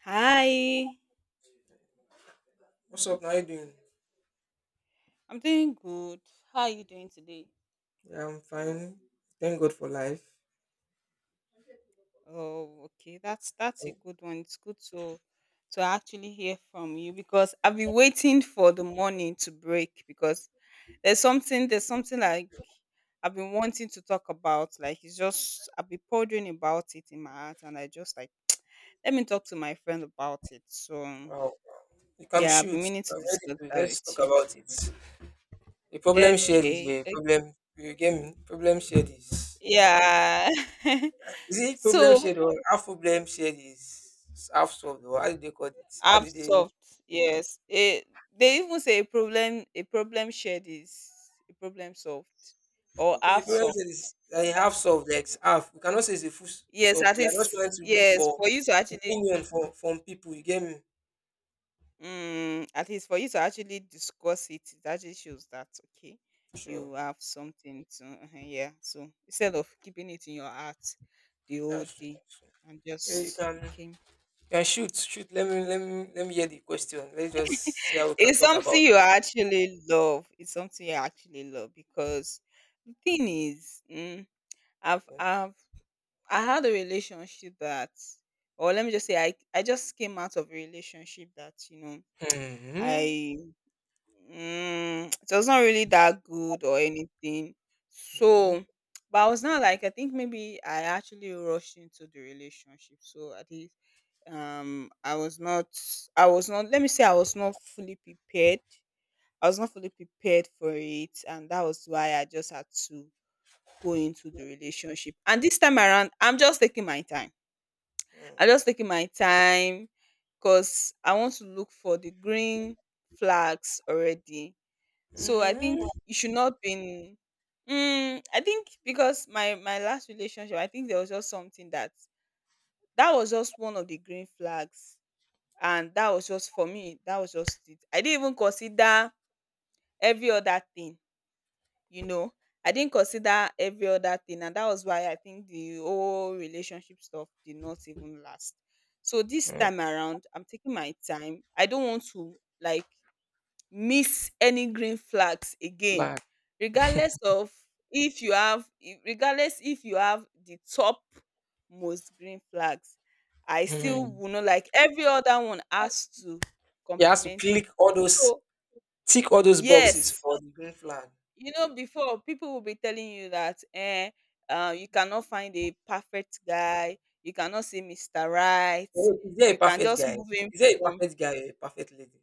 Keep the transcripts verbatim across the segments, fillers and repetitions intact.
Hi, What's up? How you doing? I'm doing good. How are you doing today? Yeah, I'm fine. Thank God for life. Oh, okay. That's that's a good one. It's good to to actually hear from you because I've been waiting for the morning to break because there's something there's something like I've been wanting to talk about. Like it's just I've been pondering about it in my heart and I just like let me talk to my friend about it. So um, Wow. You can yeah, I've been shoot. meaning to I'm discuss ready to. that Let's with talk you. about it. A problem shared is Okay. a Okay. problem. You get me? Problem shared is. Yeah. Is it problem So shared or half problem shared is half solved or how did they call it? How half did they? soft yes a they even say a problem a problem shared is a problem solved or Okay, half problem shared soft is like half solved, like half. We cannot say it's a full s- yes solve. at We are just trying least to look yes for for you to actually opinion from from people. You get me? mm, at least for you to actually discuss it it actually shows that okay you Sure. have something to uh-huh, yeah so instead of keeping it in your heart the whole That's true. day That's true. and Yeah, you just can. okay Yeah, shoot, shoot. Let me, let me, let me hear the question. Let's just see how we can it's talk something about you it. actually love it's something you actually love because the thing is mm, I've Okay. I've I had a relationship that or let me just say I I just came out of a relationship that, you know, Hmm. I mm, it was not really that good or anything. Okay. So but I was not like I think maybe I actually rushed into the relationship. So at least um I was not I was not let me say I was not fully prepared. I was not fully prepared for it and that was why I just had to go into the relationship. And this time around, I'm just taking my time. I'm just taking my time because I want to look for the green flags already. So I think Hmm. you should not be. In, mm, I think because my my last relationship, I think there was just something that that was just one of the green flags, and that was just for me. That was just it. I didn't even consider every other thing. you know I didn't consider every other thing and that was why I think the whole relationship stuff did not even last so this Hmm. time around I'm taking my time I don't want to like miss any green flags again Flag. regardless of if you have if- regardless if you have the top most green flags I still Hmm. will not like every other one has to You have to complement it click all those, so tick all those boxes yes for the green flag. you know, before people will be telling you that, eh, uh, you cannot find a perfect guy, you cannot see mister Right, Oh, is there you a can perfect just guy? move him Is there a from perfect guy or a perfect lady?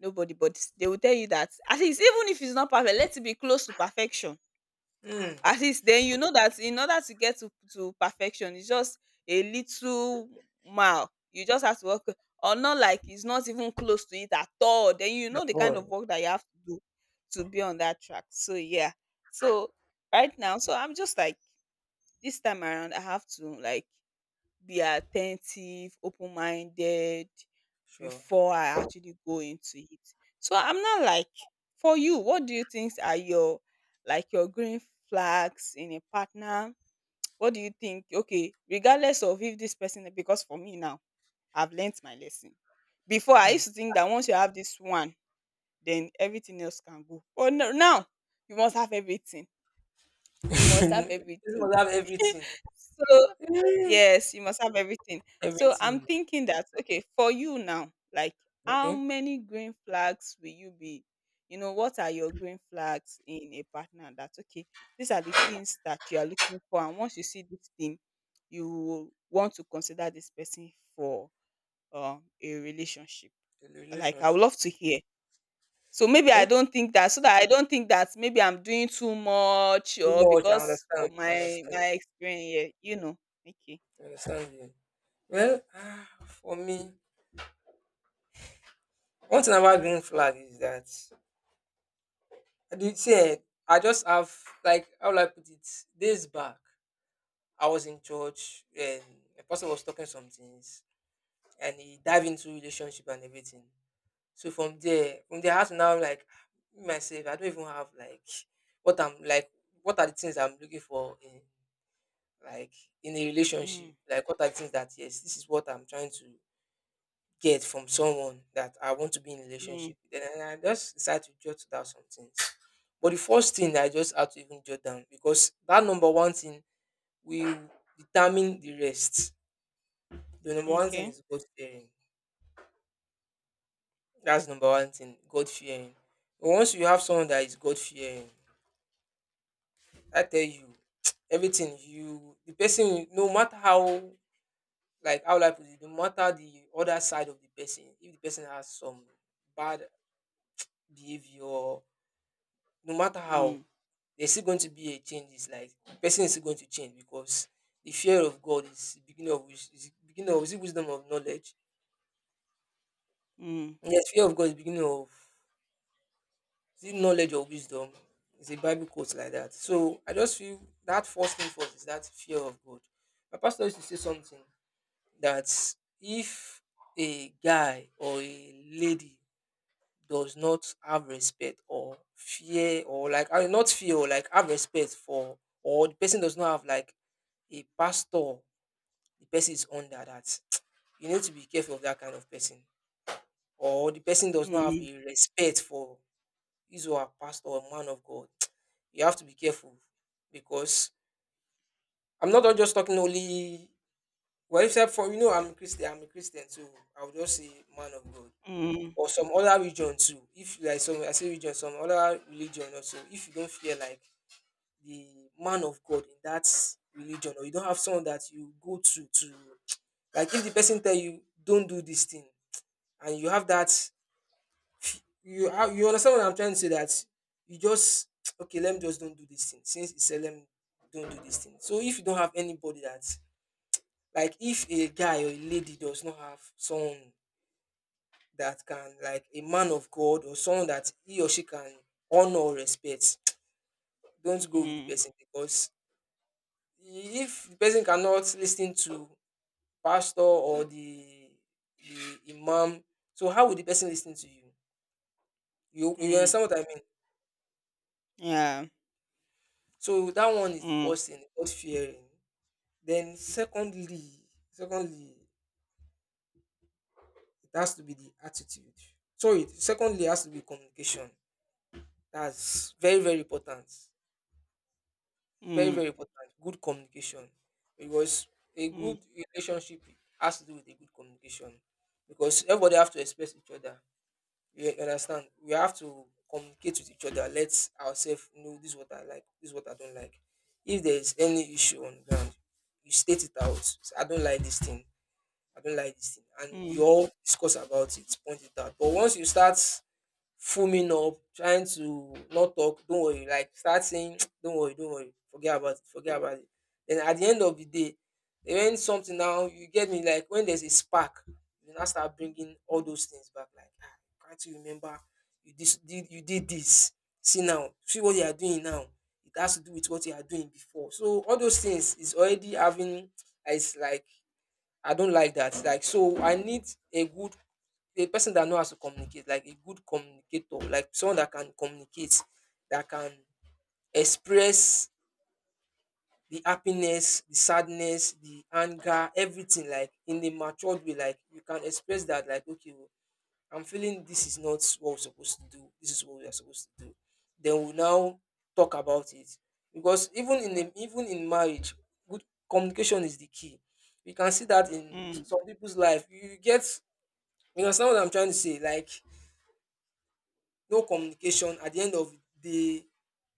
nobody, but they will tell you that at least even if it's not perfect, let it be close to perfection. Hmm. At least then you know that in order to get to to perfection it's just a little mile you just have to work or not like it's not even close to it at all then you know At the kind of work that you have to do to be on that track so yeah so right now so I'm just like this time around I have to like be attentive, open minded Sure. before I actually go into it. So I'm not like for you, what do you think are your like your green flags in a partner? What do you think? Okay, regardless of if this person because for me now, I've learned my lesson. Before I used to think that once you have this one, then everything else can go. But no, now you must have everything. You must have This everything. must have everything. So Hmm. yes, you must have everything. So I'm Everything. thinking that okay, for you now, like how Okay. many green flags will you be? You know, what are your green flags in a partner? That okay, these are the things that you are looking for, and once you see this thing, you will want to consider this person for um a relationship. The Like I would relationship. love to hear. So maybe I Okay. don't think that, so that I don't think that maybe I'm doing too much Too or much. I because of understand. I my understand. my experience, yeah, you know. Okay. I understand you. Well, ah, for me, one thing about green flag is that I did say eh, I just have, like, how will I put it? Days back, I was in church and a person was talking some things and he dive into relationship and everything. So from there, from there, I had to now, like, me myself. I don't even have, like, what I'm like. What are the things I'm looking for in, like, in a relationship? Mm, Like, what are the things that, yes, this is what I'm trying to get from someone that I want to be in a mm. relationship. Then I just decide to jot down some things. But the first thing I just had to even jot down because that number one thing will determine the rest. The number one thing Okay. is God fearing. That's number one thing, God fearing. Once you have someone that is God fearing, I tell you, everything you the person, no matter how, like, how life is, no matter the other side of the person, if the person has some bad behavior, no matter how, Mm, there's still going to be a change. It's like person is still going to change because the fear of God is the beginning of wis- is the beginning of, is it wisdom of knowledge. mm, Yes, fear of God is the beginning of, is it knowledge or wisdom. It's a Bible quote like that. So I just feel that first thing first is that fear of God. My pastor used to say something that if a guy or a lady does not have respect or fear, or, like, I mean, not fear, or, like, have respect for, or the person does not have, like, a pastor, the person is under that, you need to be careful of that kind of person. Or the person does not have mm, a respect for his or her pastor or man of God, you have to be careful because I'm not just talking only, well, except for, you know, I'm a Christian, I'm a Christian, so I'll just say man of God. mm, Or some other religion too, if, like, some, I say religion, some other religion also, if you don't feel like the man of God in that religion, or you don't have someone that you go to to, like, if the person tell you don't do this thing and you have that you have, you understand what I'm trying to say, that you just okay, let me just don't do this thing, since it's said, let me don't do this thing. So if you don't have anybody that, like, if a guy or a lady does not have someone that can, like, a man of God or someone that he or she can honor or respect, don't go with the mm, person. Because if the person cannot listen to pastor or the the imam, so how will the person listen to you you you mm. understand what I mean. Yeah. So that one is the Mm, first thing, God fearing. Then secondly, secondly, it has to be the attitude. Sorry, secondly it has to be communication. That's very, very important. Very, very mm, important. Good communication. Because a mm, good relationship has to do with a good communication. Because everybody have to express each other. Yeah, you understand. We have to communicate with each other. Let ourselves know this is what I like, this is what I don't like. If there is any issue on ground, you state it out. Say, I don't like this thing. I don't like this thing, and we mm, all discuss about it, point it out. But once you start foaming up, trying to not talk, don't worry, like start saying, don't worry, don't worry, forget about it, forget about it. Then at the end of the day, when something now, you get me, like when there's a spark, you now start bringing all those things back, like, ah, can't you remember, you this did you did this? See now, see what you are doing now. It has to do with what you are doing before. So all those things is already having, it's like I don't like that. Like, so, I need a good, a person that knows how to communicate, like a good communicator, like someone that can communicate, that can express the happiness, the sadness, the anger, everything, like, in a matured way. Like you can express that, like, okay, oh, I'm feeling this is not what we're supposed to do. This is what we are supposed to do. Then we now talk about it because even in a, even in marriage, good communication is the key. We can see that in mm, some people's life. You you get you understand what I'm trying to say, like, no communication at the end of the day,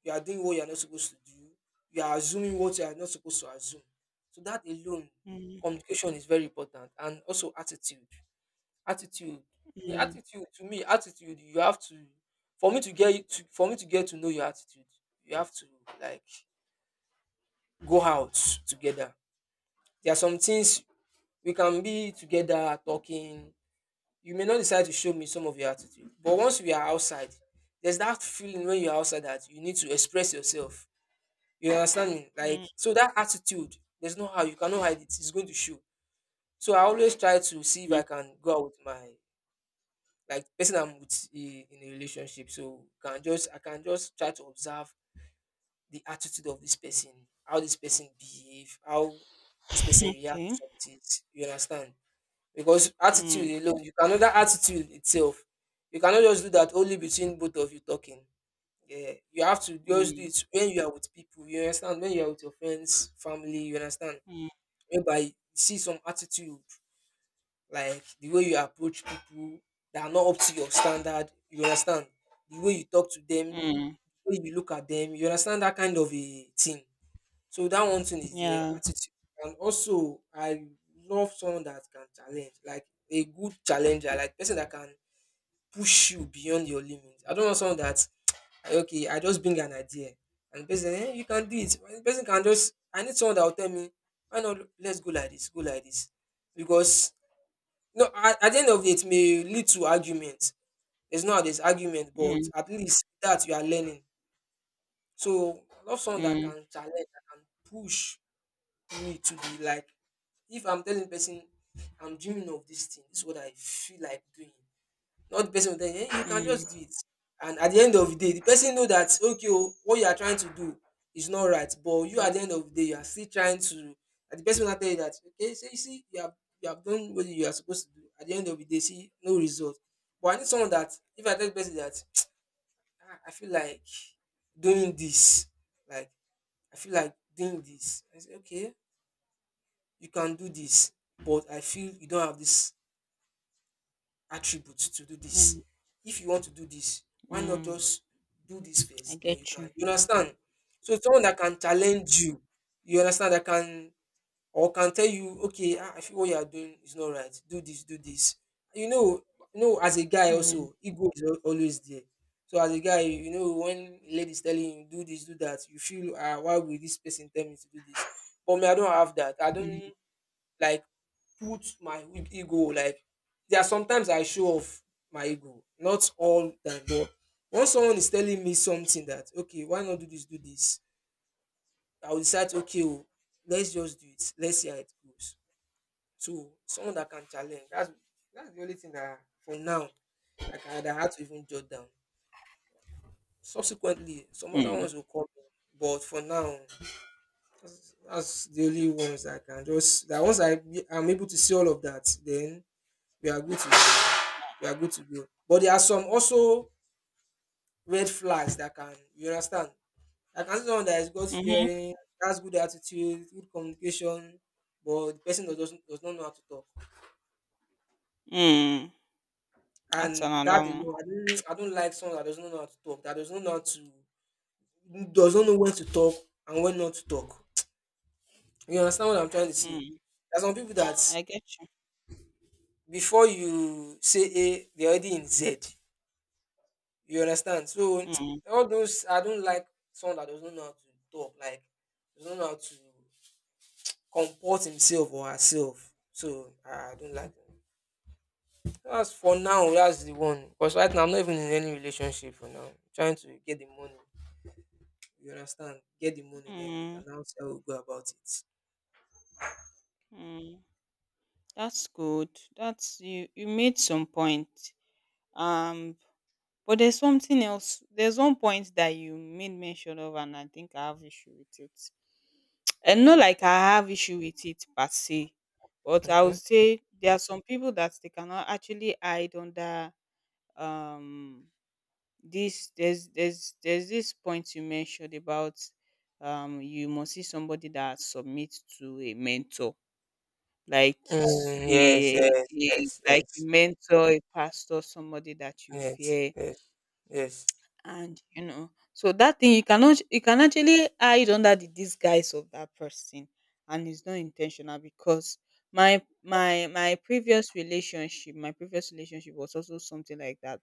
you are doing what you are not supposed to do, you are assuming what you are not supposed to assume. So that alone, mm, communication is very important. And also attitude, attitude yeah, mm, attitude. To me, attitude, you have to, for me to get you to for me to get to know your attitude, you have to, like, go out together. There are some things, we can be together talking, you may not decide to show me some of your attitude, but once we are outside, there's that feeling when you're outside that you need to express yourself, you understand me, like, mm. so that attitude, there's no how you cannot hide it, it's going to show. So I always try to see if I can go out with my, like, person I'm with, i- in a relationship, so can just I can just try to observe the attitude of this person, how this person behave, how this person reacts Okay. to some things, you understand. Because Mm, attitude alone, you cannot that attitude itself, you cannot just do that only between both of you talking. Yeah, you have to just do mm, it when you are with people, you understand, when you are with your friends, family, you understand, mm, whereby you see some attitude, like the way you approach people that are not up to your standard, you understand, the way you talk to them, the mm. way you look at them, you understand, that kind of a thing. So that one thing is there, Yeah. attitude. And also, I love someone that can challenge, like a good challenger, like person that can push you beyond your limits. I don't want someone that, like, okay, I just bring an idea and the person, eh, you can do it. When The person can just I need someone that will tell me, why not let's go like this, go like this. Because no, at, at the end of it, it may lead to arguments. There's not this argument, but Mm, at least that you are learning. So I love someone that mm, can challenge, that can push me to be like, if I'm telling person I'm dreaming of this thing, this is what I feel like doing. Not the person will tell you, hey, you can mm, just do it. And at the end of the day, the person know that okay, oh, what you are trying to do is not right. But you, at the end of the day, you are still trying to, and the person will tell you that, okay, so you see, you have you have done what you are supposed to do. At the end of the day, see no result. But I need someone that if I tell the person that "Ah, I feel like doing this, like, I feel like doing this. I say, okay, you can do this, but I feel you don't have this attribute to do mm, this. If you want to do this, why not mm. just do this I first? Then you get can, you. you understand? So someone that can challenge you, you understand, that can or can tell you, okay, ah, I feel what you are doing is not right. Do this, do this, you know. You know, as a guy Mm, also, ego is al- always there. So as a guy, you know, when a lady is telling you do this, do that, you feel, ah why will this person tell me to do this? But me, I don't have that. I don't, like, put my e- ego, like. There are sometimes I show off my ego, not all time, but once someone is telling me something that, okay, why not do this, do this, I will decide, okay, oh, let's just do it, let's see how it goes. So someone that can challenge, that's that's the only thing that for now I can that I had to even jot down. Subsequently, some other mm, ones will come, but for now, that's, that's the only ones I can just. That once I I'm able to see all of that, then we are good to go. You are good to go. But there are some also red flags that can, you understand. I can see someone that is God mm-hmm, fearing, has good attitude, good communication, but the person does, does does not know how to talk. mm. That's And that another one. alone, I don't, I don't like someone that does not know how to talk, that does not know how to, does not know when to talk and when not to talk. You understand what I'm trying to say? Mm, There are some people that I get you. before you say A, they're already in Z. You understand? So Mm, all those I don't like, someone that doesn't know how to talk, like doesn't know how to comport himself or herself. So I don't like them. That's for now, that's the one. Because right now I'm not even in any relationship for now. I'm trying to get the money. You understand? Get the money, then we mm, can now see how we go about it. mm. That's good. That's you. You made some point. um But there's something else. There's one point that you made mention of, and I think I have issue with it. And not Okay. like I have issue with it per se, but I would Okay. say there are some people that they cannot actually hide under um this. There's there's there's this point you mentioned about um you must see somebody that submits to a mentor like s- Mm, yes, a, yes, a yes, like a yes, mentor, a pastor, somebody that you yes, fear yes, yes. and you know so that thing you cannot you can actually hide under the disguise of that person and it's not intentional because my my my previous relationship my previous relationship was also something like that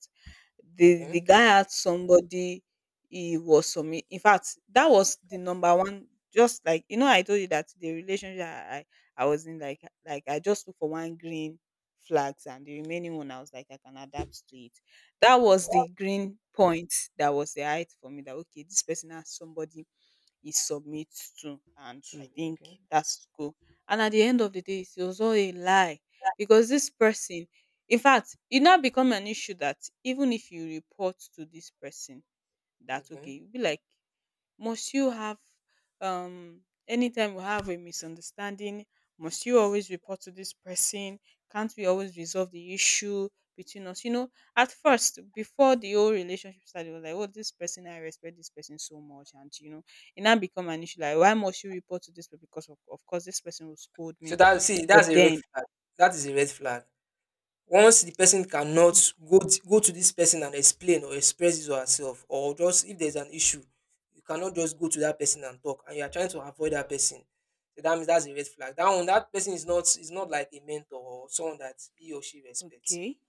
the the Okay. guy had somebody he was some in fact that was the number one just like you know I told you that the relationship i i, I was in like like I just look for one green flags and the remaining one I was like I can adapt to it That was Okay. the green point that was the height for me that okay this person has somebody he submits to and I Two. think Okay. that's cool. And at the end of the day it was all a lie because this person in fact it now become an issue that even if you report to this person that okay Okay. you'll be like Must you have um anytime we have a misunderstanding, must you always report to this person? Can't we always resolve the issue between us? You know, at first, before the whole relationship started, it was like, oh, this person, I respect this person so much. And, you know, it now become an issue. Like, why must you report to this person? Because, of, of course, this person will scold me. So that see, that's But a red then, flag. That is a red flag. Once the person cannot go t- go to this person and explain or express his or herself, or just if there's an issue, you cannot just go to that person and talk, and you are trying to avoid that person. So that means that's a red flag. That one, that person is not is not like a mentor or someone that he or she respects. okay,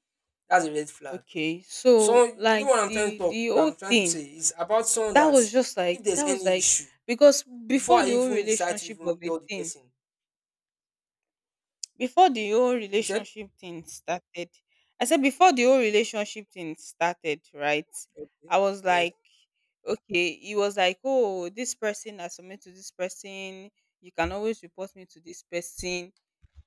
That's a red flag. okay. So, So you know like, what I'm trying to the, talk, the what whole I'm trying to thing say is about someone That that, was just if like there's that was any like issue, because before before I the whole even decide to relationship of even a tell the thing, person. before the whole You said relationship thing started, I said before the whole relationship thing started, right? okay. I was Yes. like, okay, he was like, oh, this person I submit to this person, you can always report me to this person.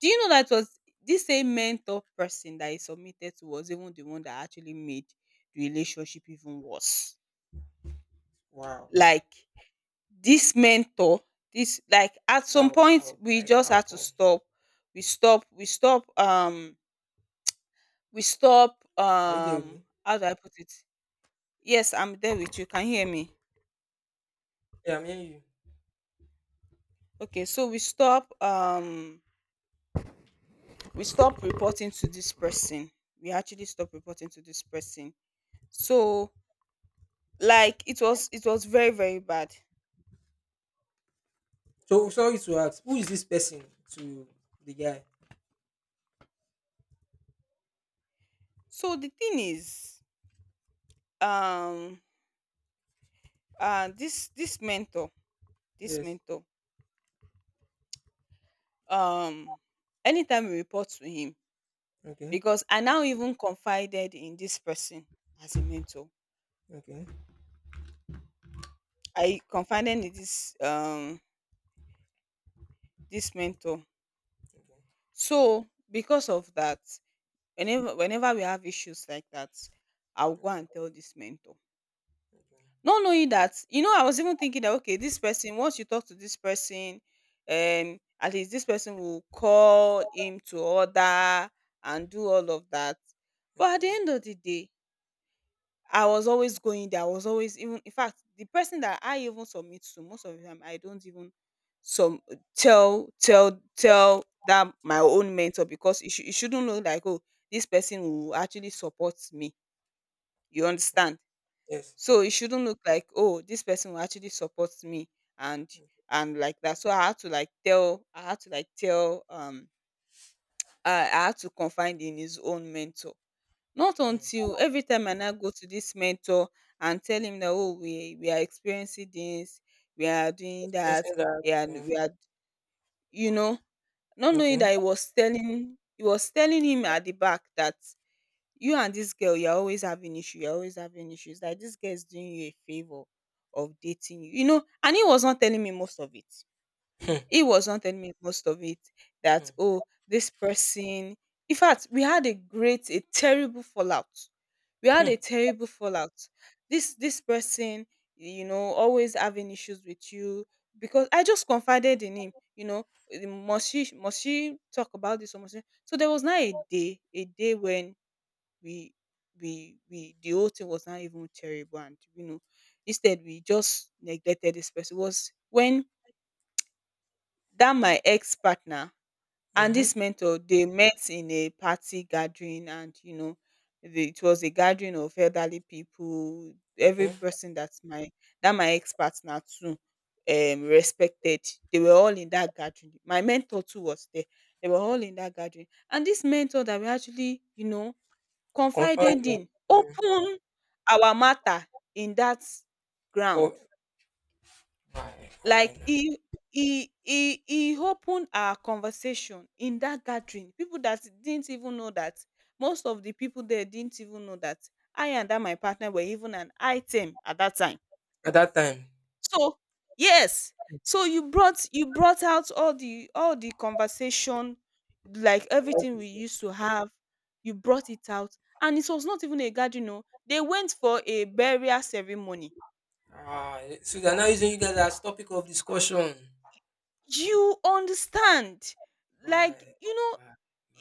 Do you know that was this same mentor person that he submitted to was even the one that actually made the relationship even worse? Wow. Like this mentor this like at some How? point How? we Like just how had to come? stop we stop we stop um we stop Are you there with um me? how do I put it yes I'm there with you can you hear me Yeah, I'm hearing you. okay so we stop um we stop reporting to this person we actually stop reporting to this person so like it was it was very very bad So sorry to ask, who is this person to the guy? so the thing is um uh this this mentor this Yes. mentor um anytime we report to him Okay. because I now even confided in this person as a mentor. Okay. I confided in this um this mentor. Okay. So because of that, whenever whenever we have issues like that, I'll go and Okay. tell this mentor. Okay. Not knowing that, you know, I was even thinking that okay, this person, once you talk to this person, um, at least this person will call him to order and do all of that. But at the Okay. end of the day, I was always going there. I was always even in fact the person that I even submit to most of the time I don't even some tell tell tell that my own mentor because it, should it shouldn't look like oh this person will actually support me. You Okay. understand? Yes. So it shouldn't look like oh this person will actually support me and and like that. So I had to like tell I had to like tell um I, I had to confide in his own mentor not Hmm. until every time I now go to this mentor and tell him that oh we we are experiencing this, we are doing that, Experiencing that. and Yeah. we are you know, not knowing Okay. that he was telling he was telling him at the back that you and this girl you're always having issue, you're always having issues. Like this girl is doing you a favor of dating you. You know, and he was not telling me most of it. Hmm. He was not telling me most of it that, Hmm. oh, this person. In fact, we had a great, a terrible fallout. We had Hmm. a terrible fallout. This this person, you know, always having issues with you because I just confided in him, you know. Eh, Must she must she talk about this or must she? So there was not a day, a day when we we we the whole thing was not even terrible, and you know instead we just neglected this person. It was when that my ex partner— and Mm-hmm. this mentor, they met in a party gathering, and, you know, the it was a gathering of elderly people. Every Okay. person that my that my ex-partner too um respected. They were all in that gathering. My mentor too was there. They were all in that gathering. And this mentor that we actually, you know, You confirmed confided your. in Mm. opened our matter in that ground. Oh, why why Like now? he he he he opened our conversation in that gathering. People that didn't even know that— most of the people there didn't even know that I and that my partner were even an item at that time. At that time. So yes, so you brought— you brought out all the all the conversation, like And everything we everything. used to have. You brought it out, and it was not even a gathering o, they went for a burial ceremony, Ah, so they're now using you guys as topic of discussion. you understand. Why? like you know Why?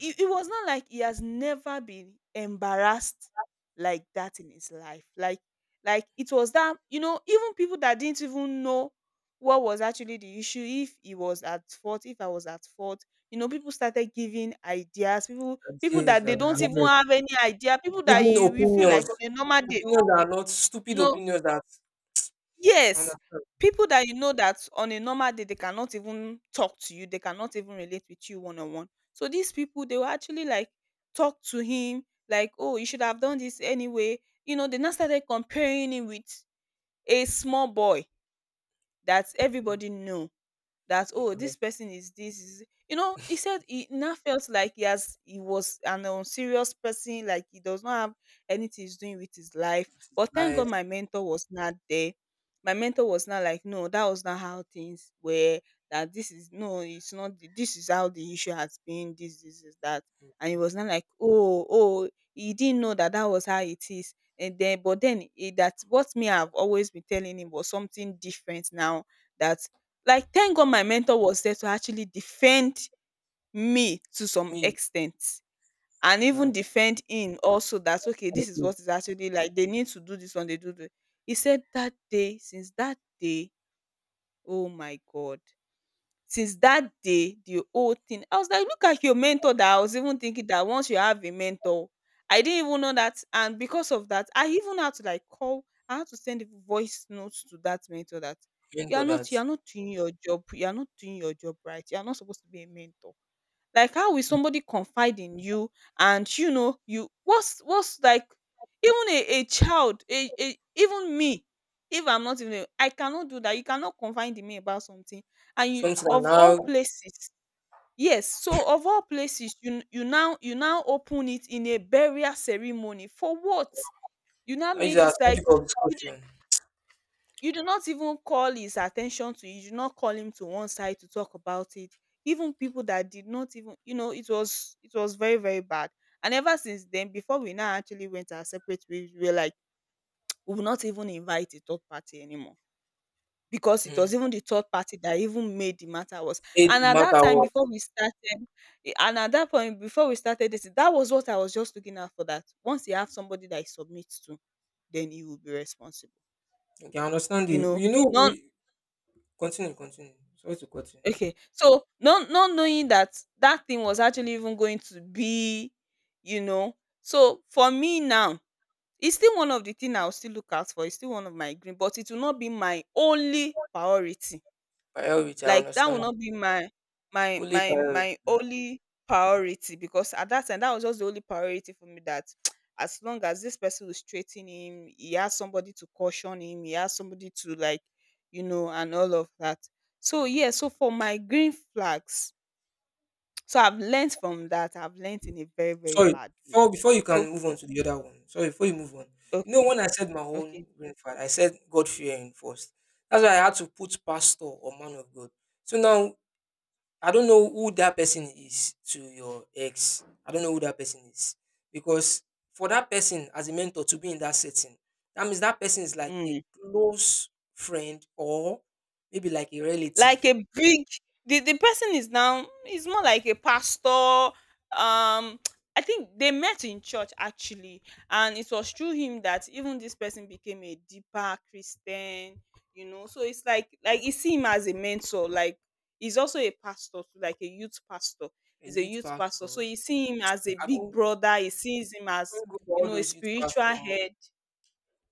it, it was not like he has never been embarrassed like that in his life. Like, like it was that, you know even people that didn't even know what was actually the issue, if he was at fault, if I was at fault, you know people started giving ideas. People, people Yes, that I they don't have even it. have any idea. People that Giving you, you feel like opinions, on a normal day, opinions that are not you stupid, know opinions that I yes, understand. people that you know that on a normal day they cannot even talk to you, they cannot even relate with you one on one. So these people, they will actually like talk to him like, "Oh, you should have done this anyway." You know, they now started comparing him with a small boy that everybody know, that, Yeah, oh, man. this person is this is, you know he said he now felt like he has he was an unserious person, like he does not have anything he's doing with his life. But thank Life, God my mentor was not there. My mentor was not like, "No, that was not how things were. That this is— no, it's not the- this is how the issue has been. This this is that." And he was not like, oh oh, he didn't know that that was how it is." And then, but then, eh, that what me, I've always been telling him was something different now. That— like, thank God my mentor was there to actually defend me to some me, extent, and even that defend him also that, okay, I have this is to what is actually like. They need to do this one, they do the— he said that day, since that day, oh my God. Since that day, the whole thing, I was like, "Look at your mentor that I was even thinking that once you have a mentor." I didn't even know that. And because of that, I even had to like call— I had to send voice notes to that mentor that, "You are mentor not— you that. are not doing your job. You are not doing your job right. You are not supposed to be a mentor. Like, how will somebody confide in you and, you know you, what's— what's like even a a child, a a, even me, if I'm not even a— I cannot do that. You cannot confide in me about something, and you, Something that of all now places—" yes, so, of all places, you, you now you now open it in a burial ceremony for what? You now I use made it as like topic of you discussion. you do not even call his attention to it. You do not call him to one side to talk about it. Even people that did not even, you know, it was it was very, very bad. And ever since then, before we now actually went our separate ways, we were like, we will not even invite a third party anymore, because it Mm. was even the third party that even made the matter worse. Made And at that matter time, worse. before we started, eh, and at that point, before we started this, that was what I was just looking at for that. Once you have somebody that he submits to, then he will be responsible. Okay, I understand You you. know, You know, not— we continue, continue. Sorry to continue you. okay. So not not knowing that that thing was actually even going to be, you know. So for me now, it's still one of the thing I'll still look out for. It's still one of my green, but it will not be my only priority. Priority, I Like, that will understand. not be my— my Only my priority, my yeah. only priority, because at that time that was just the only priority for me, that as long as this person will straighten him, he has somebody to caution him, he has somebody to like, you know, and all of that. So yeah, so for my green flags, so I've learned from that. I've learned in a very, very Sorry, bad way. before before you So can move on to the other one, sorry, before you move on, you know, okay, when I said my own okay. grandfather, I said God fearing first. That's why I had to put pastor or man of God. So now, I don't know who that person is to your ex. I don't know who that person is. Because for that person as a mentor to be in that setting, that means that person is like a Mm. close friend or maybe like a Like a relative, big— the, the person is now is more like a pastor. um I think they met in church actually, and it was through him that even this person became a deeper Christian. You know, so it's like, like you see him as a mentor. Like, he's also a pastor too, like a youth pastor. a He's a youth youth pastor, pastor. so you see him as a I big don't brother. He sees him I as, don't go for you all know, a those youth spiritual pastor. head.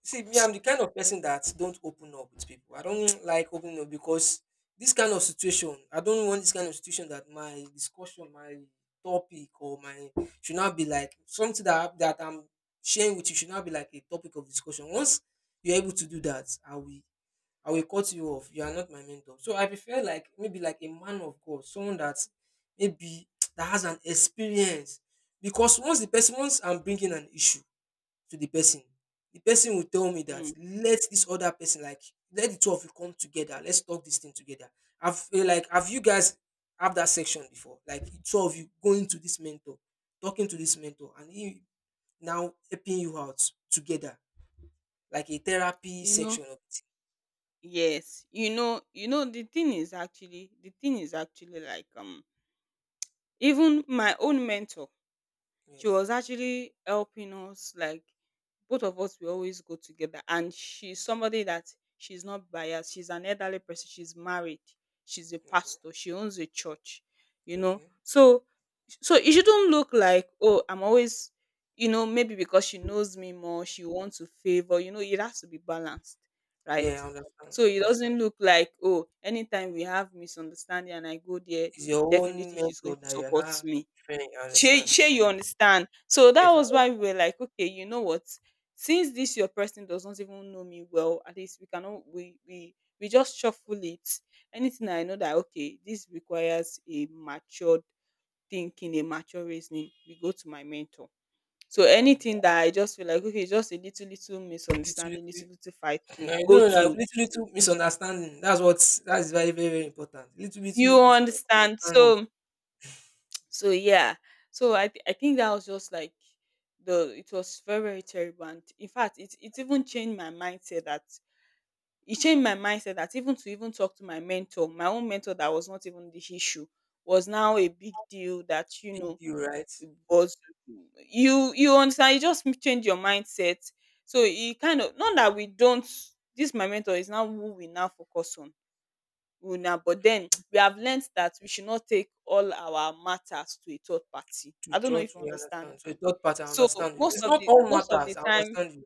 See me, I'm the kind of person that don't open up with people. I don't like opening up, because this kind of situation, I don't want this kind of situation that my discussion, my topic or my should not be like something that I- that I'm sharing with you should not be like a topic of discussion. Once you're able to do that, i will i will cut you off. You are not my mentor. So I prefer like maybe like a man of God, someone that maybe that has an experience. Because once the person, once I'm bringing an issue to the person, the person will tell me Mm. that let this other person, like, let the two of you come together. Let's talk this thing together. Have, eh, like, have you guys have that section before? Like the two of you going to this mentor, talking to this mentor, and he now helping you out together, like a therapy you know section of it. yes, you know, you know the thing is actually— the thing is actually like, um even my own mentor, she Yes. was actually helping us. Like, both of us, we always go together, and she's somebody that— she's not biased, she's an elderly person, she's married, she's a Okay. pastor, she owns a church, you know. Okay. So, so it shouldn't look like, oh, I'm always, you know, maybe because she knows me more, she wants to favor. You know, it has to be balanced, right? Yeah, I understand. So I it understand. doesn't look like, oh, anytime we have misunderstanding and I go there, It's your own definitely she's going mentor to that you're support not me. referring. I Shey, understand. shey you understand? So that Yes. I- was why we were like, okay, you know what, since this your person does not even know me well, at least we cannot— we we we just shuffle it. Anything I know that, okay, this requires a matured thinking, a mature reasoning, we go to my mentor. So Understand. anything Okay. that I just feel like, okay, just a little little It's, misunderstanding, little little fight, we I don't go know, like, to— little little misunderstanding. That's what, that's very, very, very important. Little little you understand? misunderstanding, So, so yeah, so I th- I think that was just like— the, it was very, very terrible. And in fact, it it even changed my mindset. That it changed my mindset, that even to even talk to my mentor, my own mentor that was not even the issue, was now a big deal, that you big know, deal, right? it was— you you understand? You just change your mindset. So it kind of, not that we don't— this my mentor is now who we now focus on, una, but then we have learnt that we should not take all our matters to a third party. To I don't know if church, you we understand understand. So me. third party, I So understand you. most It's of not the— all most of the matters. I time, understand you.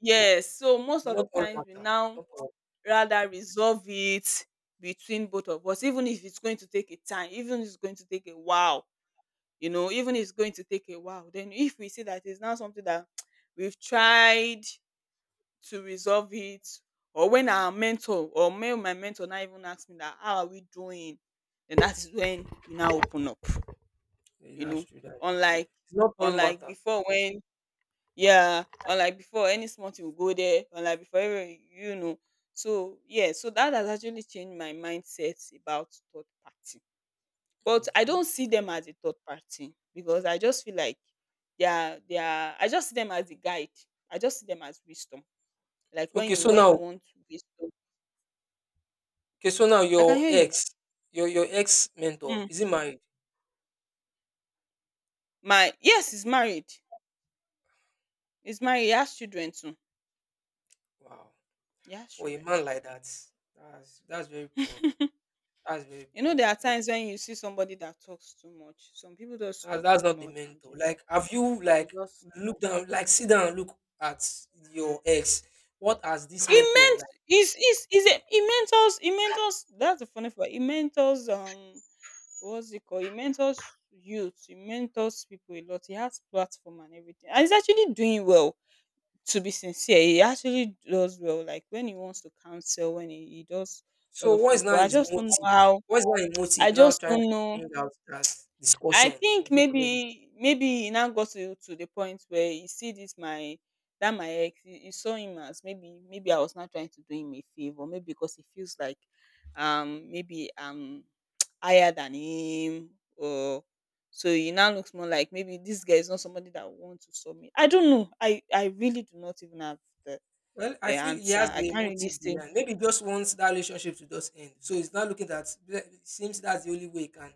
yes. So most It's of not the all times, we matter. now Not all. rather resolve it between both of us, even if it's going to take a time, even if it's going to take a while, you know, even if it's going to take a while. Then if we see that it's now something that we've tried to resolve it, or when our mentor— or may— my mentor now even ask me that, how are we doing, then that is when we now open up, Yeah, you know. that's true. That's true. Unlike It's not all unlike matter. before when— yeah, unlike before any small thing will go there. Unlike before every—, you know. So yeah, so that has actually changed my mindset about third party. But I Okay. don't see them as a third party, because I just feel like they are— they are I just see them as a guide. I just see them as wisdom. Like, when Okay. you— So when you now, want wisdom— okay. So now, I can your hear you. ex, your your ex mentor, Mm. is he married? My— yes, he's married. He's married. He has children too. Wow. He has For a children. man like that, that's that's very poor. That's very You know, poor. there are times when you see somebody that talks too much. Some people just That's, talk that's too not the much, and you mentor. know, Like, have you, they like, just— look down, like sit down and look at your ex? What has this he mentor, meant— like? is is is a he mentors, he mentors. That's the funny part. He mentors, um what's it called, he mentors youth. He mentors people a lot. He has platform and everything, and he's actually doing well. To be sincere, he actually does well, like when he wants to counsel, when he he does a lot So of what is things. now But I his just don't know motive? how— What is now his I motive now just trying to don't know. bring out that I discussion in think front of everybody? maybe maybe he now got to to the point where he see this my that my ex, he, he saw him as maybe maybe I was not trying to do him a favor, maybe because he feels like um maybe um, higher than him or so he now looks more like maybe this guy is not somebody that wants to saw me. I don't know. I I really do not even have the Well, the I feel he answer. has I a can't really motive say behind. Maybe he just wants that relationship to just end. So he's not looking at. It seems that's the only way he can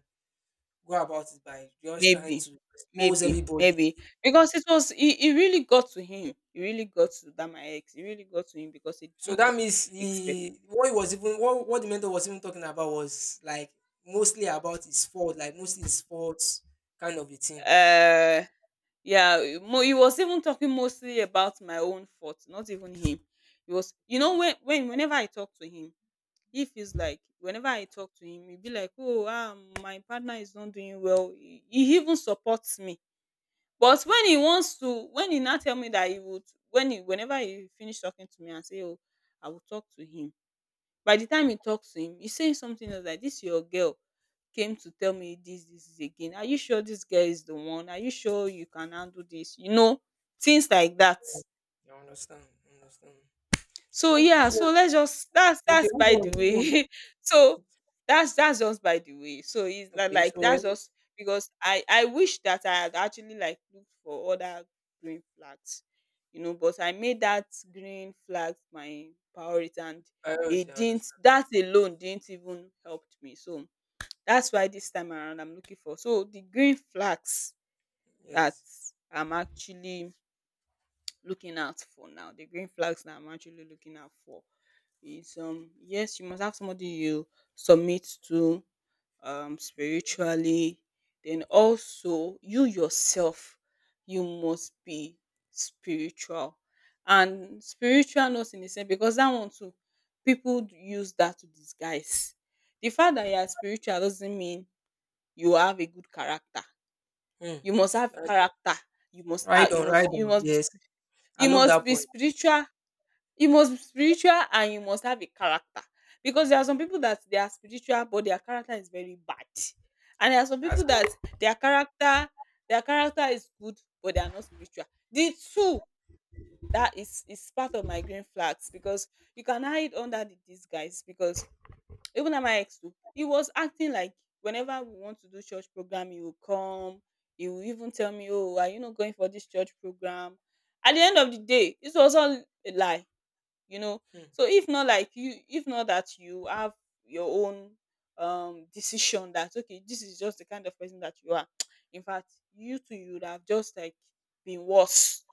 go about it, by just trying maybe, to expose maybe, everybody. maybe because it was it, it really got to him. It really got to that my ex. It really got to him because he So didn't that means expect it. the what he was even, what, what the mentor was even talking about was like mostly about his fault, like mostly his faults, kind of a thing. Uh, yeah, mo- he was even talking mostly about my own fault, not even him. He was, you know, when when whenever I talk to him, he feels like whenever I talk to him, he'd be like, "Oh, ah, my partner is not doing well." He, he even supports me. But Hmm. when he wants to when he now tell me that he would when he whenever he finish talking to me and say, "Oh, I will talk to him." By the time he talks to him, he's saying something else like, "This your girl came to tell me this, this, this again. Are you sure this girl is the one? Are you sure you can handle this?" You know, things like that. I understand. I understand. So Uh, yeah, It's well. so let's just that's Okay, that's move by on, the move on. way. So that's that's just by the way. So it's like, Okay, like so that's when just because I I wish that I had actually like looked for other green flags, you know. But I made that green flag my priority, and priority, it I didn't. understand. That alone didn't even help me. So that's why this time around I'm looking for. So the green flags that Yes. I'm actually looking out for now, the green flags that I'm actually looking out for, it's um yes, you must have somebody you submit to um Okay. spiritually. Then Okay. also you yourself, you must be spiritual. And spiritual not in the sense, because that one too, people d- use that to disguise. The fact that you are spiritual doesn't mean you have a good character. Hmm. You must have That's all. character. You must Right have, you on, right must you on. must be, Yes. I you love must that be point. spiritual, you must be spiritual and you must have a character, because there are some people that they are spiritual but their character is very bad. And there are some That's people that all. their character their character is good but they are not spiritual. The two, that is is part of my green flags, because you can hide under the disguise. Because even at my ex too, he was acting like whenever we want to do church program, he will come. He will even tell me, "Oh, are you not going for this church program?" At the end of the day, it was all a lie, you know. Hmm. So if not like you if not that you have your own um decision that okay, this is just the kind of person that you are, in fact you too you would have just like been worse.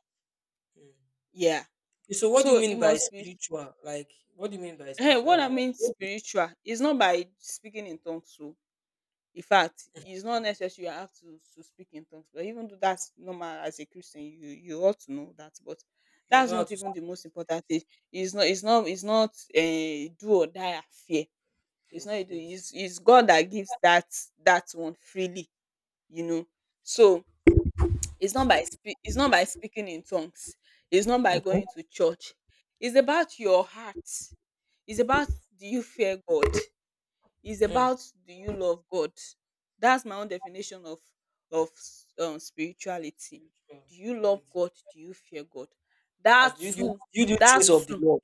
Hmm. Yeah. Okay, so what do So you it mean by must be spiritual? Like what do you mean by eh, what spiritual? I Like mean what do spiritual is not by speaking in tongues. So in fact it's you, not mhm, necessary, you have to to speak in tongues, but even though that's normal as a Christian you you ought to know that. But you that's know how not to speak. even the most important thing. It's not it's not it's not a do or die affair. It's not Yes, you doing, yes. it's it's God that gives that, that one freely, you know. So it's not by spe- it's not by speaking in tongues. It's not by going to church. It's about your heart. It's about, do you fear God? It's Hmm. about, do you love God? That's my own definition of of um, spirituality. Spiritual, Do you love spirituality. God? Do you fear God? As That do you do too, do you do that things of the too Lord?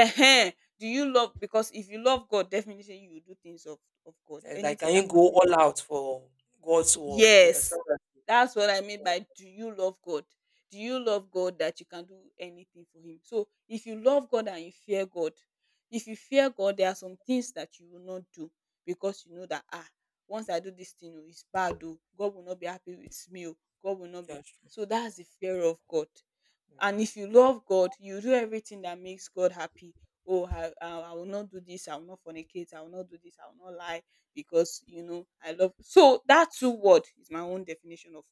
Ehen, do you love because if you love God, definitely you will do things of of God, Eh, Like, anything can you that go pertains all to it. out for God's work? You Yes, understand that? that's what I mean by, do you love God? Do you love God that you can do anything for Him? So if you love God and you fear God, if you fear God, there are some things that you will not do, because you know that ah, once I do this thing, oh, it's bad. Oh, God will not be happy with me. Oh, God will not Yeah, be. that's true. So that's the fear of God. And Mm. if you love God you do everything that makes God happy. Oh, I, I i will not do this, I will not fornicate, I will not do this, I will not lie, because you know I love. So that two word is my own definition of,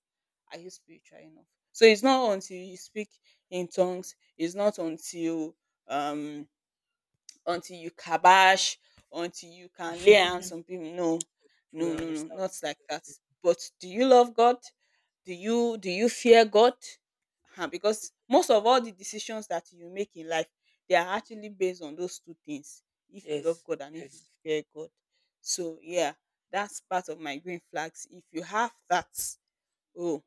are you spiritual enough? So it's not until you speak in tongues, it's not until um until you kabash, until you can lay hands on people. No, We no, no, no, understand. not like that. But do you love God? Do you do you fear God? Ah, because most of all the decisions that you make in life, they are actually based on those two things. If you love Yes, God and if you yes. fear God. So yeah, that's part of my green flags. If you have that, oh,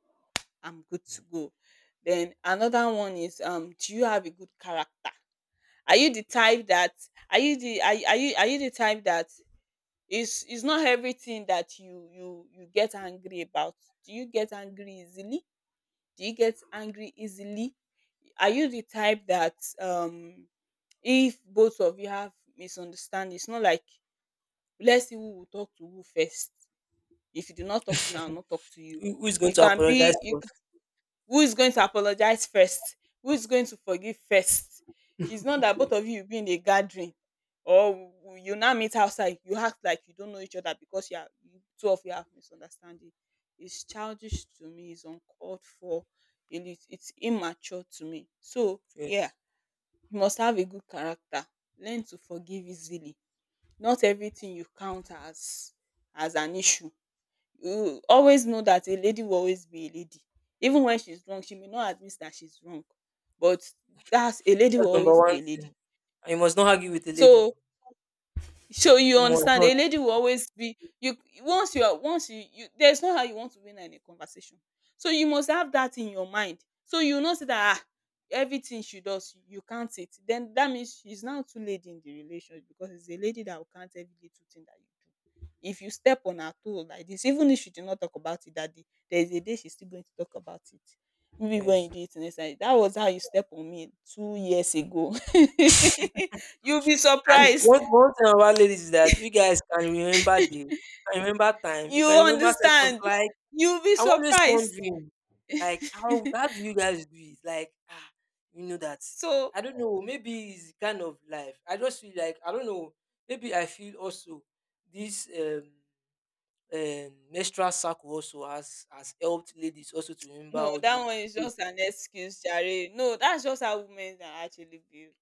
I'm good to go. Then another one is, um, do you have a good character? Are you the type that are you the are, you- are you are you the type that is is not everything that you you you get angry about? Do you get angry easily? Do you get angry easily? Are you the type that um if both of you have misunderstanding, it's not like let's see who will talk to who first. If you do not talk to me, I'll not talk to you. Who, who is going You to can apologize be you first? Who is going to apologize first, who is going to forgive first? It's not that both of you will be in a gathering, or you now meet outside you act like you don't know each other because you are you two of you have misunderstanding. It's childish to me, it's uncalled for, and it's, it's immature to me. So yeah, Yes. you must have a good character. Learn to forgive easily. Not everything you count as as an issue. You always know that a lady will always be a lady. Even when she's wrong she may not admit that she's wrong, but that's, a lady will That's number always be one a lady. thing. And you must not argue with the lady. So so you You must understand, not. a lady will always be you. Once you are once you, you There's no how you want to win in a conversation. So you must have that in your mind. So you know say that ah, everything she does, you can't it. Then that means she's now too lady in the relationship, because it's a lady that will count every little thing that you do. If you step on her toe like this, even if she did not talk about it that day, there's a day she's still going to talk about it. Maybe when you Yes. do it next time, that was how you step on me two years ago. You'll be And surprised. one, one thing about ladies is that you guys can remember dates, can remember time, you You can remember seconds, understand? like, You'll be I'm always surprised. wondering, like, how how do you guys do it? Like, ah, you know that. So I don't know. Maybe it's the kind of life. I just feel like I don't know. Maybe I feel also this um, um menstrual cycle also has has helped ladies also to remember no, all that those one is things. just an excuse, Jare. No, that's just how women are actually built.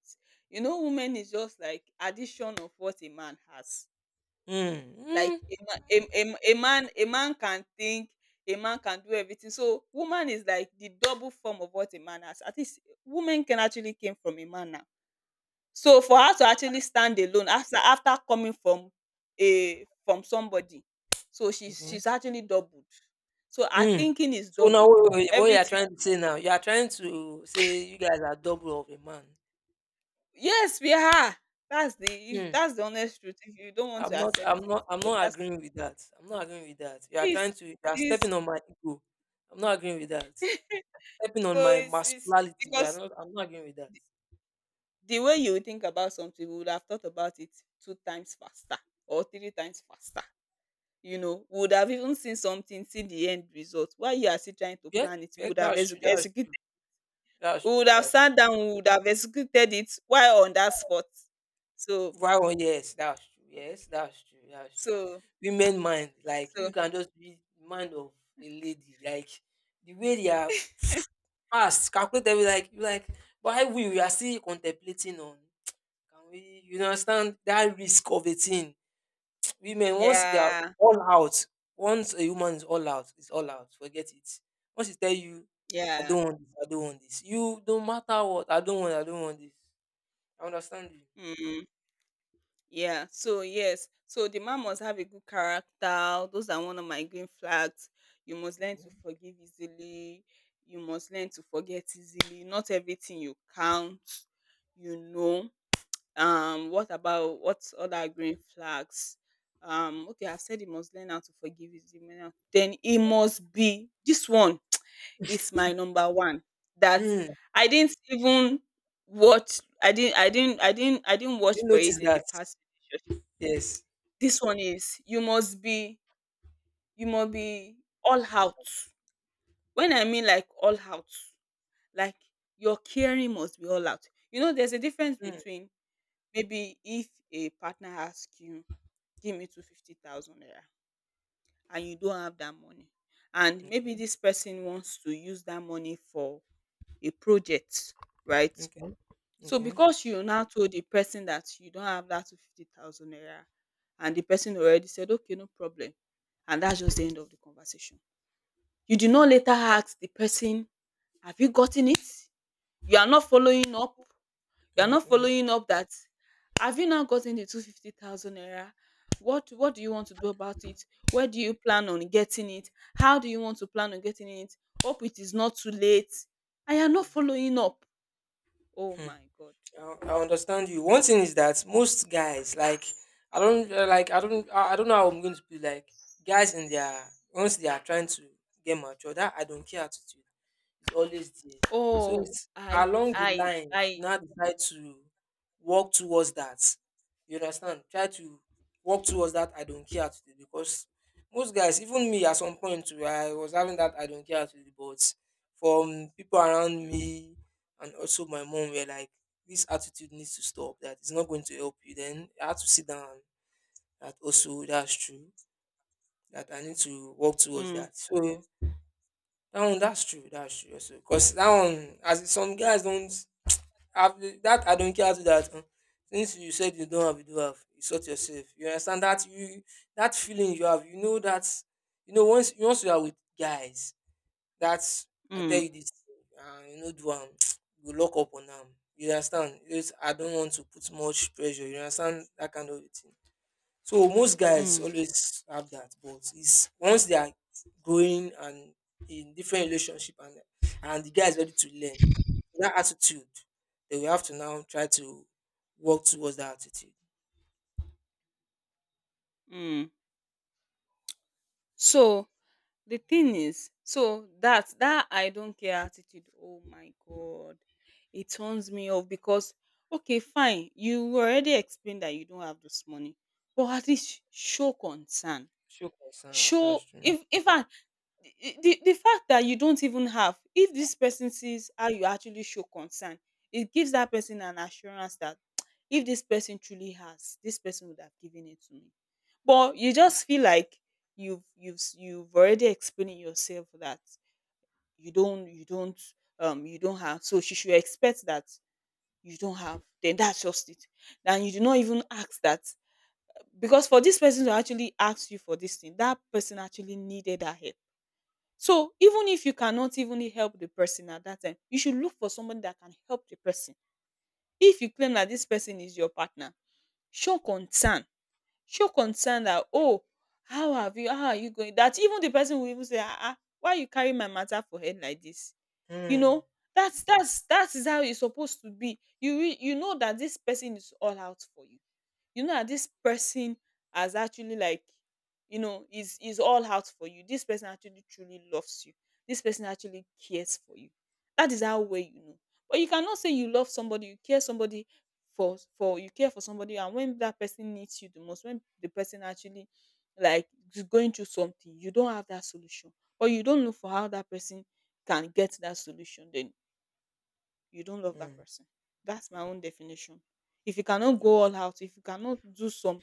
You know, women is just like addition of what a man has. Mm, Like mm, a, ma- a, a, a man, a man can think, a man can do everything. So woman is like the double form of what a man has. At least women can actually came from a man. So for her to actually stand alone after after coming from a from somebody, so she's mhm, she's actually doubled. So her mm. thinking is So now, doubled. what, what you are Everything. trying to say now? You are trying to say you guys are double of a man. Yes, we are. That's the If Hmm. that's the honest truth, if you don't want I'm to not accept I'm it, not I'm but not that's agreeing with that. I'm not agreeing with that. You are it's trying to, you are it's stepping on my ego. I'm not agreeing with that. Stepping on so my it's it's, masculinity. You are because not, I'm not agreeing with that. the way you think about something, we would have thought about it two times faster or three times faster. You know, we would have even seen something, see the end result. While you are still trying to Yeah, plan it, we yeah, would have that's true, that's executed. true, that's We true, would have that's sat down, we would have executed it while on that spot. So true. Why one yes, that's true. Yes, that's true, that's true. so Women mind, like if so you can just read the mind of a lady, like the way they are fast, calculate every, like, you, like, why we we are still contemplating on, can we, you understand, that risk of a thing. Women, once they are yeah, all out, once a woman is all out, it's all out. Forget it. Once she tell you, I yeah. don't want this, I don't want this. You don't matter what, I don't want, I don't want this. I understand you. Mm, yeah. So yes. So the man must have a good character. Those are one of my green flags. You must learn to forgive easily. You must learn to forget easily. Not everything you count, you know. Um what about, what other green flags? Um okay, I've said he must learn how to forgive, his demeanor, then he must be, this one is my number one, that Okay. Hmm. I didn't even watch, i didn't i didn't i didn't I didn't You watch didn't for notice it in the that. past relationship. Yes. This one is, you must be, you must be all out. When I mean like all out, like your caring must be all out. You know, there's a difference Hmm. between, maybe if a partner asks you, give me two hundred fifty thousand naira and you don't have that money. And maybe Okay. this person wants to use that money for a project, right? Okay. So Okay. because you now told the person that you don't have that two hundred fifty thousand naira and the person already said, okay, no problem. And that's just the end of the conversation. You did not later ask the person, have you gotten it? You are not following up. You are not Okay. following up that have you now gotten the two hundred fifty thousand naira? What what do you want to do about it? Where do you plan on getting it? How do you want to plan on getting it? Hope it is not too late. I am not Hmm. following up. Oh Hmm. my god. I I understand you. One thing is that most guys, like, I don't, uh, like, I don't, I I don't know how I'm going to be like guys in their, once they are trying to get mature. That I don't care attitude is always there. So Oh. it's I along the I line you I now decide to walk towards that. You understand? Try to walk towards that. I don't care attitude because most guys, even me, at some point, too, I was having that I don't care attitude, but from people around me and also my mom were like, this attitude needs to stop, that it's not going to help you. Then I had to sit down, that also that's true, that I need to work towards Mm, that, so that one, that's true, that's true also, because that one, as in some guys don't have the- that I don't care to that, uh, since you said you don't have, you do have, you sort yourself, you understand that you, that feeling you have, you know that, you know, once once you are with guys, that's. I tell mm, you this, uh, you know, do am you lock up on am. You understand? It's, I don't want to put much pressure. You understand that kind of a thing. So most guys mm, always have that, but it's once they are growing and in different relationship, and and the guy is ready to learn that attitude, they will have to now try to work towards that attitude. mm. So the thing is, so that that I don't care attitude, oh my god, it turns me off because, okay, fine, you already explained that you don't have this money, but at least show concern. Show concern. Show That's if true. if fact, the the the fact that you don't even have, if this person sees how you actually show concern, it gives that person an assurance that if this person truly has, this person would have given it to me. But you just feel like you've you've s- you've already explained yourself that you don't you don't um you don't have, so she should expect that you don't have, then that's just it. Then you do not even ask, that because for this person to actually ask you for this thing, that person actually needed that help. So even if you cannot even help the person at that time, you should look for somebody that can help the person. If you claim that this person is your partner, show concern. Show concern that, oh, how have you? How are you going? That even the person will even say, ah, ah, why you carry my matter for head like this? You Mm, know, that's that's that is how it's supposed to be. You re- you know that this person is all out for you, you know that this person has actually, like, you know, is is all out for you. This person actually truly loves you, this person actually cares for you. That is how, well, you know. But you cannot say you love somebody, you care somebody, for for you care for somebody, and when that person needs you the most, when the person actually, like, is going through something, you don't have that solution, or you don't know for how that person can get that solution, then you don't love that mm, person. That's my own definition. If you cannot yeah. go all out, if you cannot do some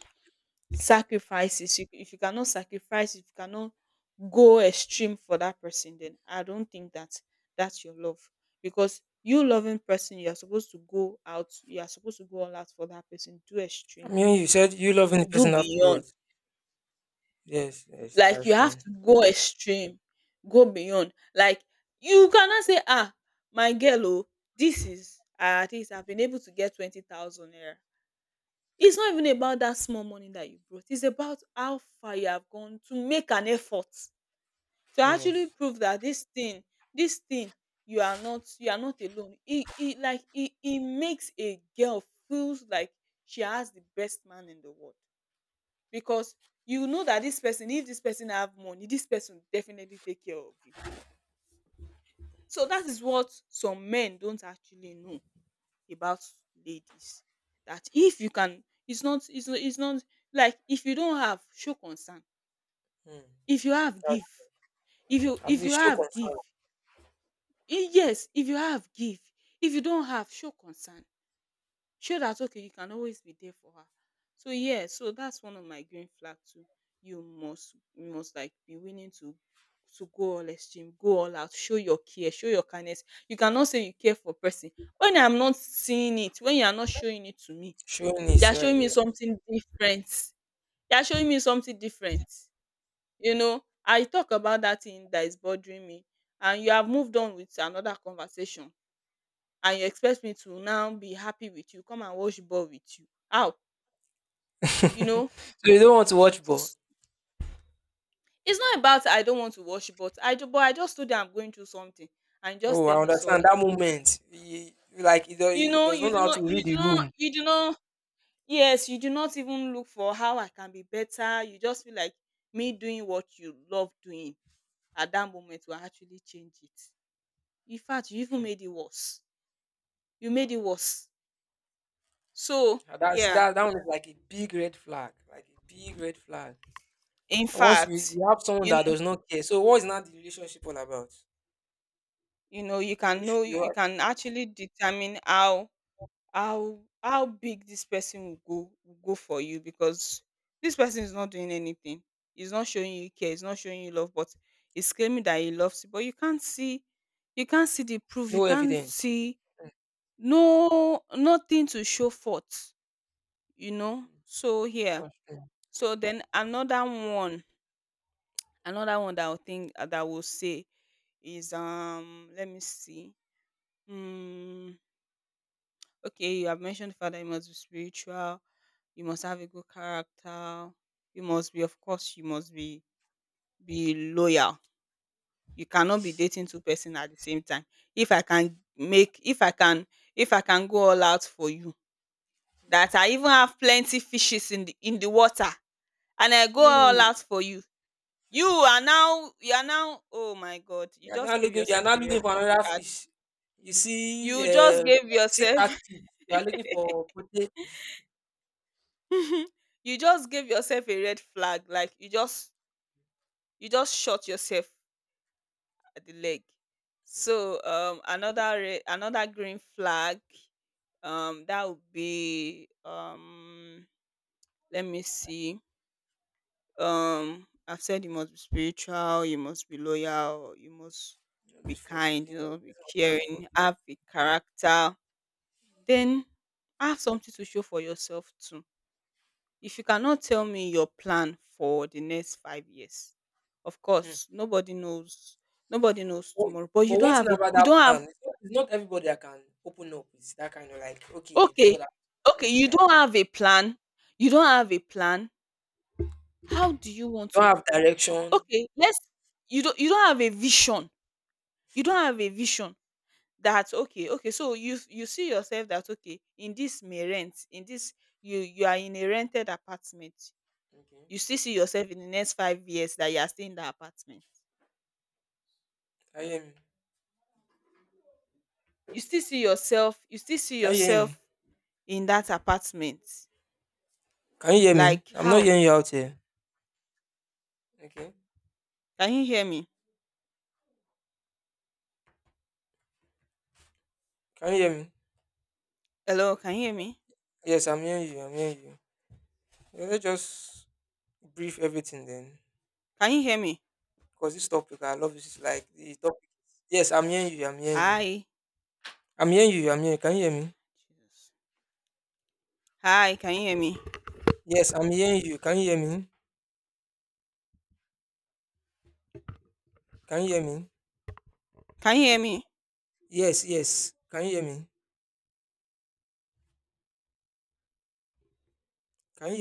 sacrifices, you- if you cannot sacrifice, if you cannot go extreme for that person, then I don't think that that's your love. Because you loving person, you are supposed to go out, you are supposed to go all out for that person, do I extreme, mean, you said you loving the do person have to do beyond. it. Yes, yes, Like, you that's have true. to go extreme, go beyond. Like, you cannot say, ah, my girl, oh, this is, ah, at least I've been able to get twenty thousand naira. It's not even about that small money that you brought. It's about how far you have gone to make an effort to actually Yes. prove that this thing, this thing, you are not, you are not alone. It, it like it, it makes a girl feels like she has the best man in the world. Because you know that this person, if this person have money, this person will definitely take care of you. So that is what some men don't actually know about ladies. That if you can, it's not it's not it's not like, if you don't have, show concern. Mm. If you have, At give. If you at if you least show have give. concern. Eh, yes, if you have, give. If you don't have, show concern. Show that, okay, you can always be there for her. So, yeah, so that's one of my green flag too. You must you must, like, be willing to to go all extreme, go all out, show your care, show your kindness. You cannot say you care for person when I'm not seeing it, when you are not showing it to me. Showing You this are right. showing me Yeah. something different, you are showing me something different. You know, I talk about that thing that is bothering me, and you have moved on with another conversation, and you expect me to now be happy with you, come and wash ball with you. How? So You know. you don't want to watch ball. S- it's not about I don't want to worship, but I do, but I just told them I'm going through something, and just Oh, tell I me understand sorry. that moment. He, like he, do, You he know, does you not do know how not to read you do the not room. you do not, yes, you do not even look for how I can be better. You just feel like me doing what you love doing at that moment will actually change it. In fact, you even made it worse, you made it worse. So, Ah, that see yeah. that that one is like a big red flag. Like a big red flag. In And once you, fact, you have someone you that know does not care. So what is not the relationship all about? you know you can If know, you you are. can actually determine how how how big this person will go, will go for you. Because this person is not doing anything, he's not showing you care, he's not showing you love, but he's claiming that he loves you. But you can't see, you can't see the proof, you No can't evidence. see, no, nothing to show forth. You know, so here, That's true. so then another one, another one that I will think, that I will say is, um let me see. Hmm. Okay, you have mentioned father, you must be spiritual, you must have a good character, you must be, of course, you must be be loyal. You cannot be dating two person at the same time. If I can make, if I can, if I can go all out for you, that I even have plenty fishes in the in the water, and I go all Mm, out for you. You are now, you are now. Oh my God! You you're just not gave looking you're yourself not a looking red for another card. fish. You see, You uh just gave see yourself. catfish. You are looking for. You just gave yourself a red flag, like you just, you just shot yourself at the leg. Mm. So, um another red, another green flag, um that would be, um let me see. Um i've said you must be spiritual, you must be loyal, you must Just be be kind, you forgiving. know, Like, be person will start to caring, forgive. have a character. Mm. Then have something to show for yourself too. If you cannot tell me your plan for the next five years, of Hmm. course, nobody knows, nobody knows But, tomorrow, but you but don't one thing have a, about you that don't have, plan, it's not, it's not everybody that can open up. It's that kind of like, okay, this is okay, what okay, I'm you right. don't have a plan. You don't have a plan. How do you want Don't to, have direction. okay, let's, you don't you don't have a vision. You don't have a vision. That, okay, okay, so you you see yourself that, okay, in this may rent, in this, you you are in a rented apartment. Okay. You still see yourself in the next five years that you are staying in that apartment. Can you hear me? You still see yourself, you still see Can you hear yourself me? in that apartment. Can you hear me? Like, I'm not how? hearing you out here. Okay. Can you hear me? Can you hear me? Hello, can you hear me? Yes, I'm hearing you. I'm hearing you. Yeah, let's just brief everything then. Can you hear me? Because this topic, I love this. It's like the topic. Yes, I'm hearing you. I'm hearing you. Hi. I'm hearing you. I'm hearing you. Can you hear me? Jesus. Hi, can you hear me? Yes, I'm hearing you. Can you hear me? Can you hear me? Can you hear me? Yes, yes. Can you hear me? Can you hear me?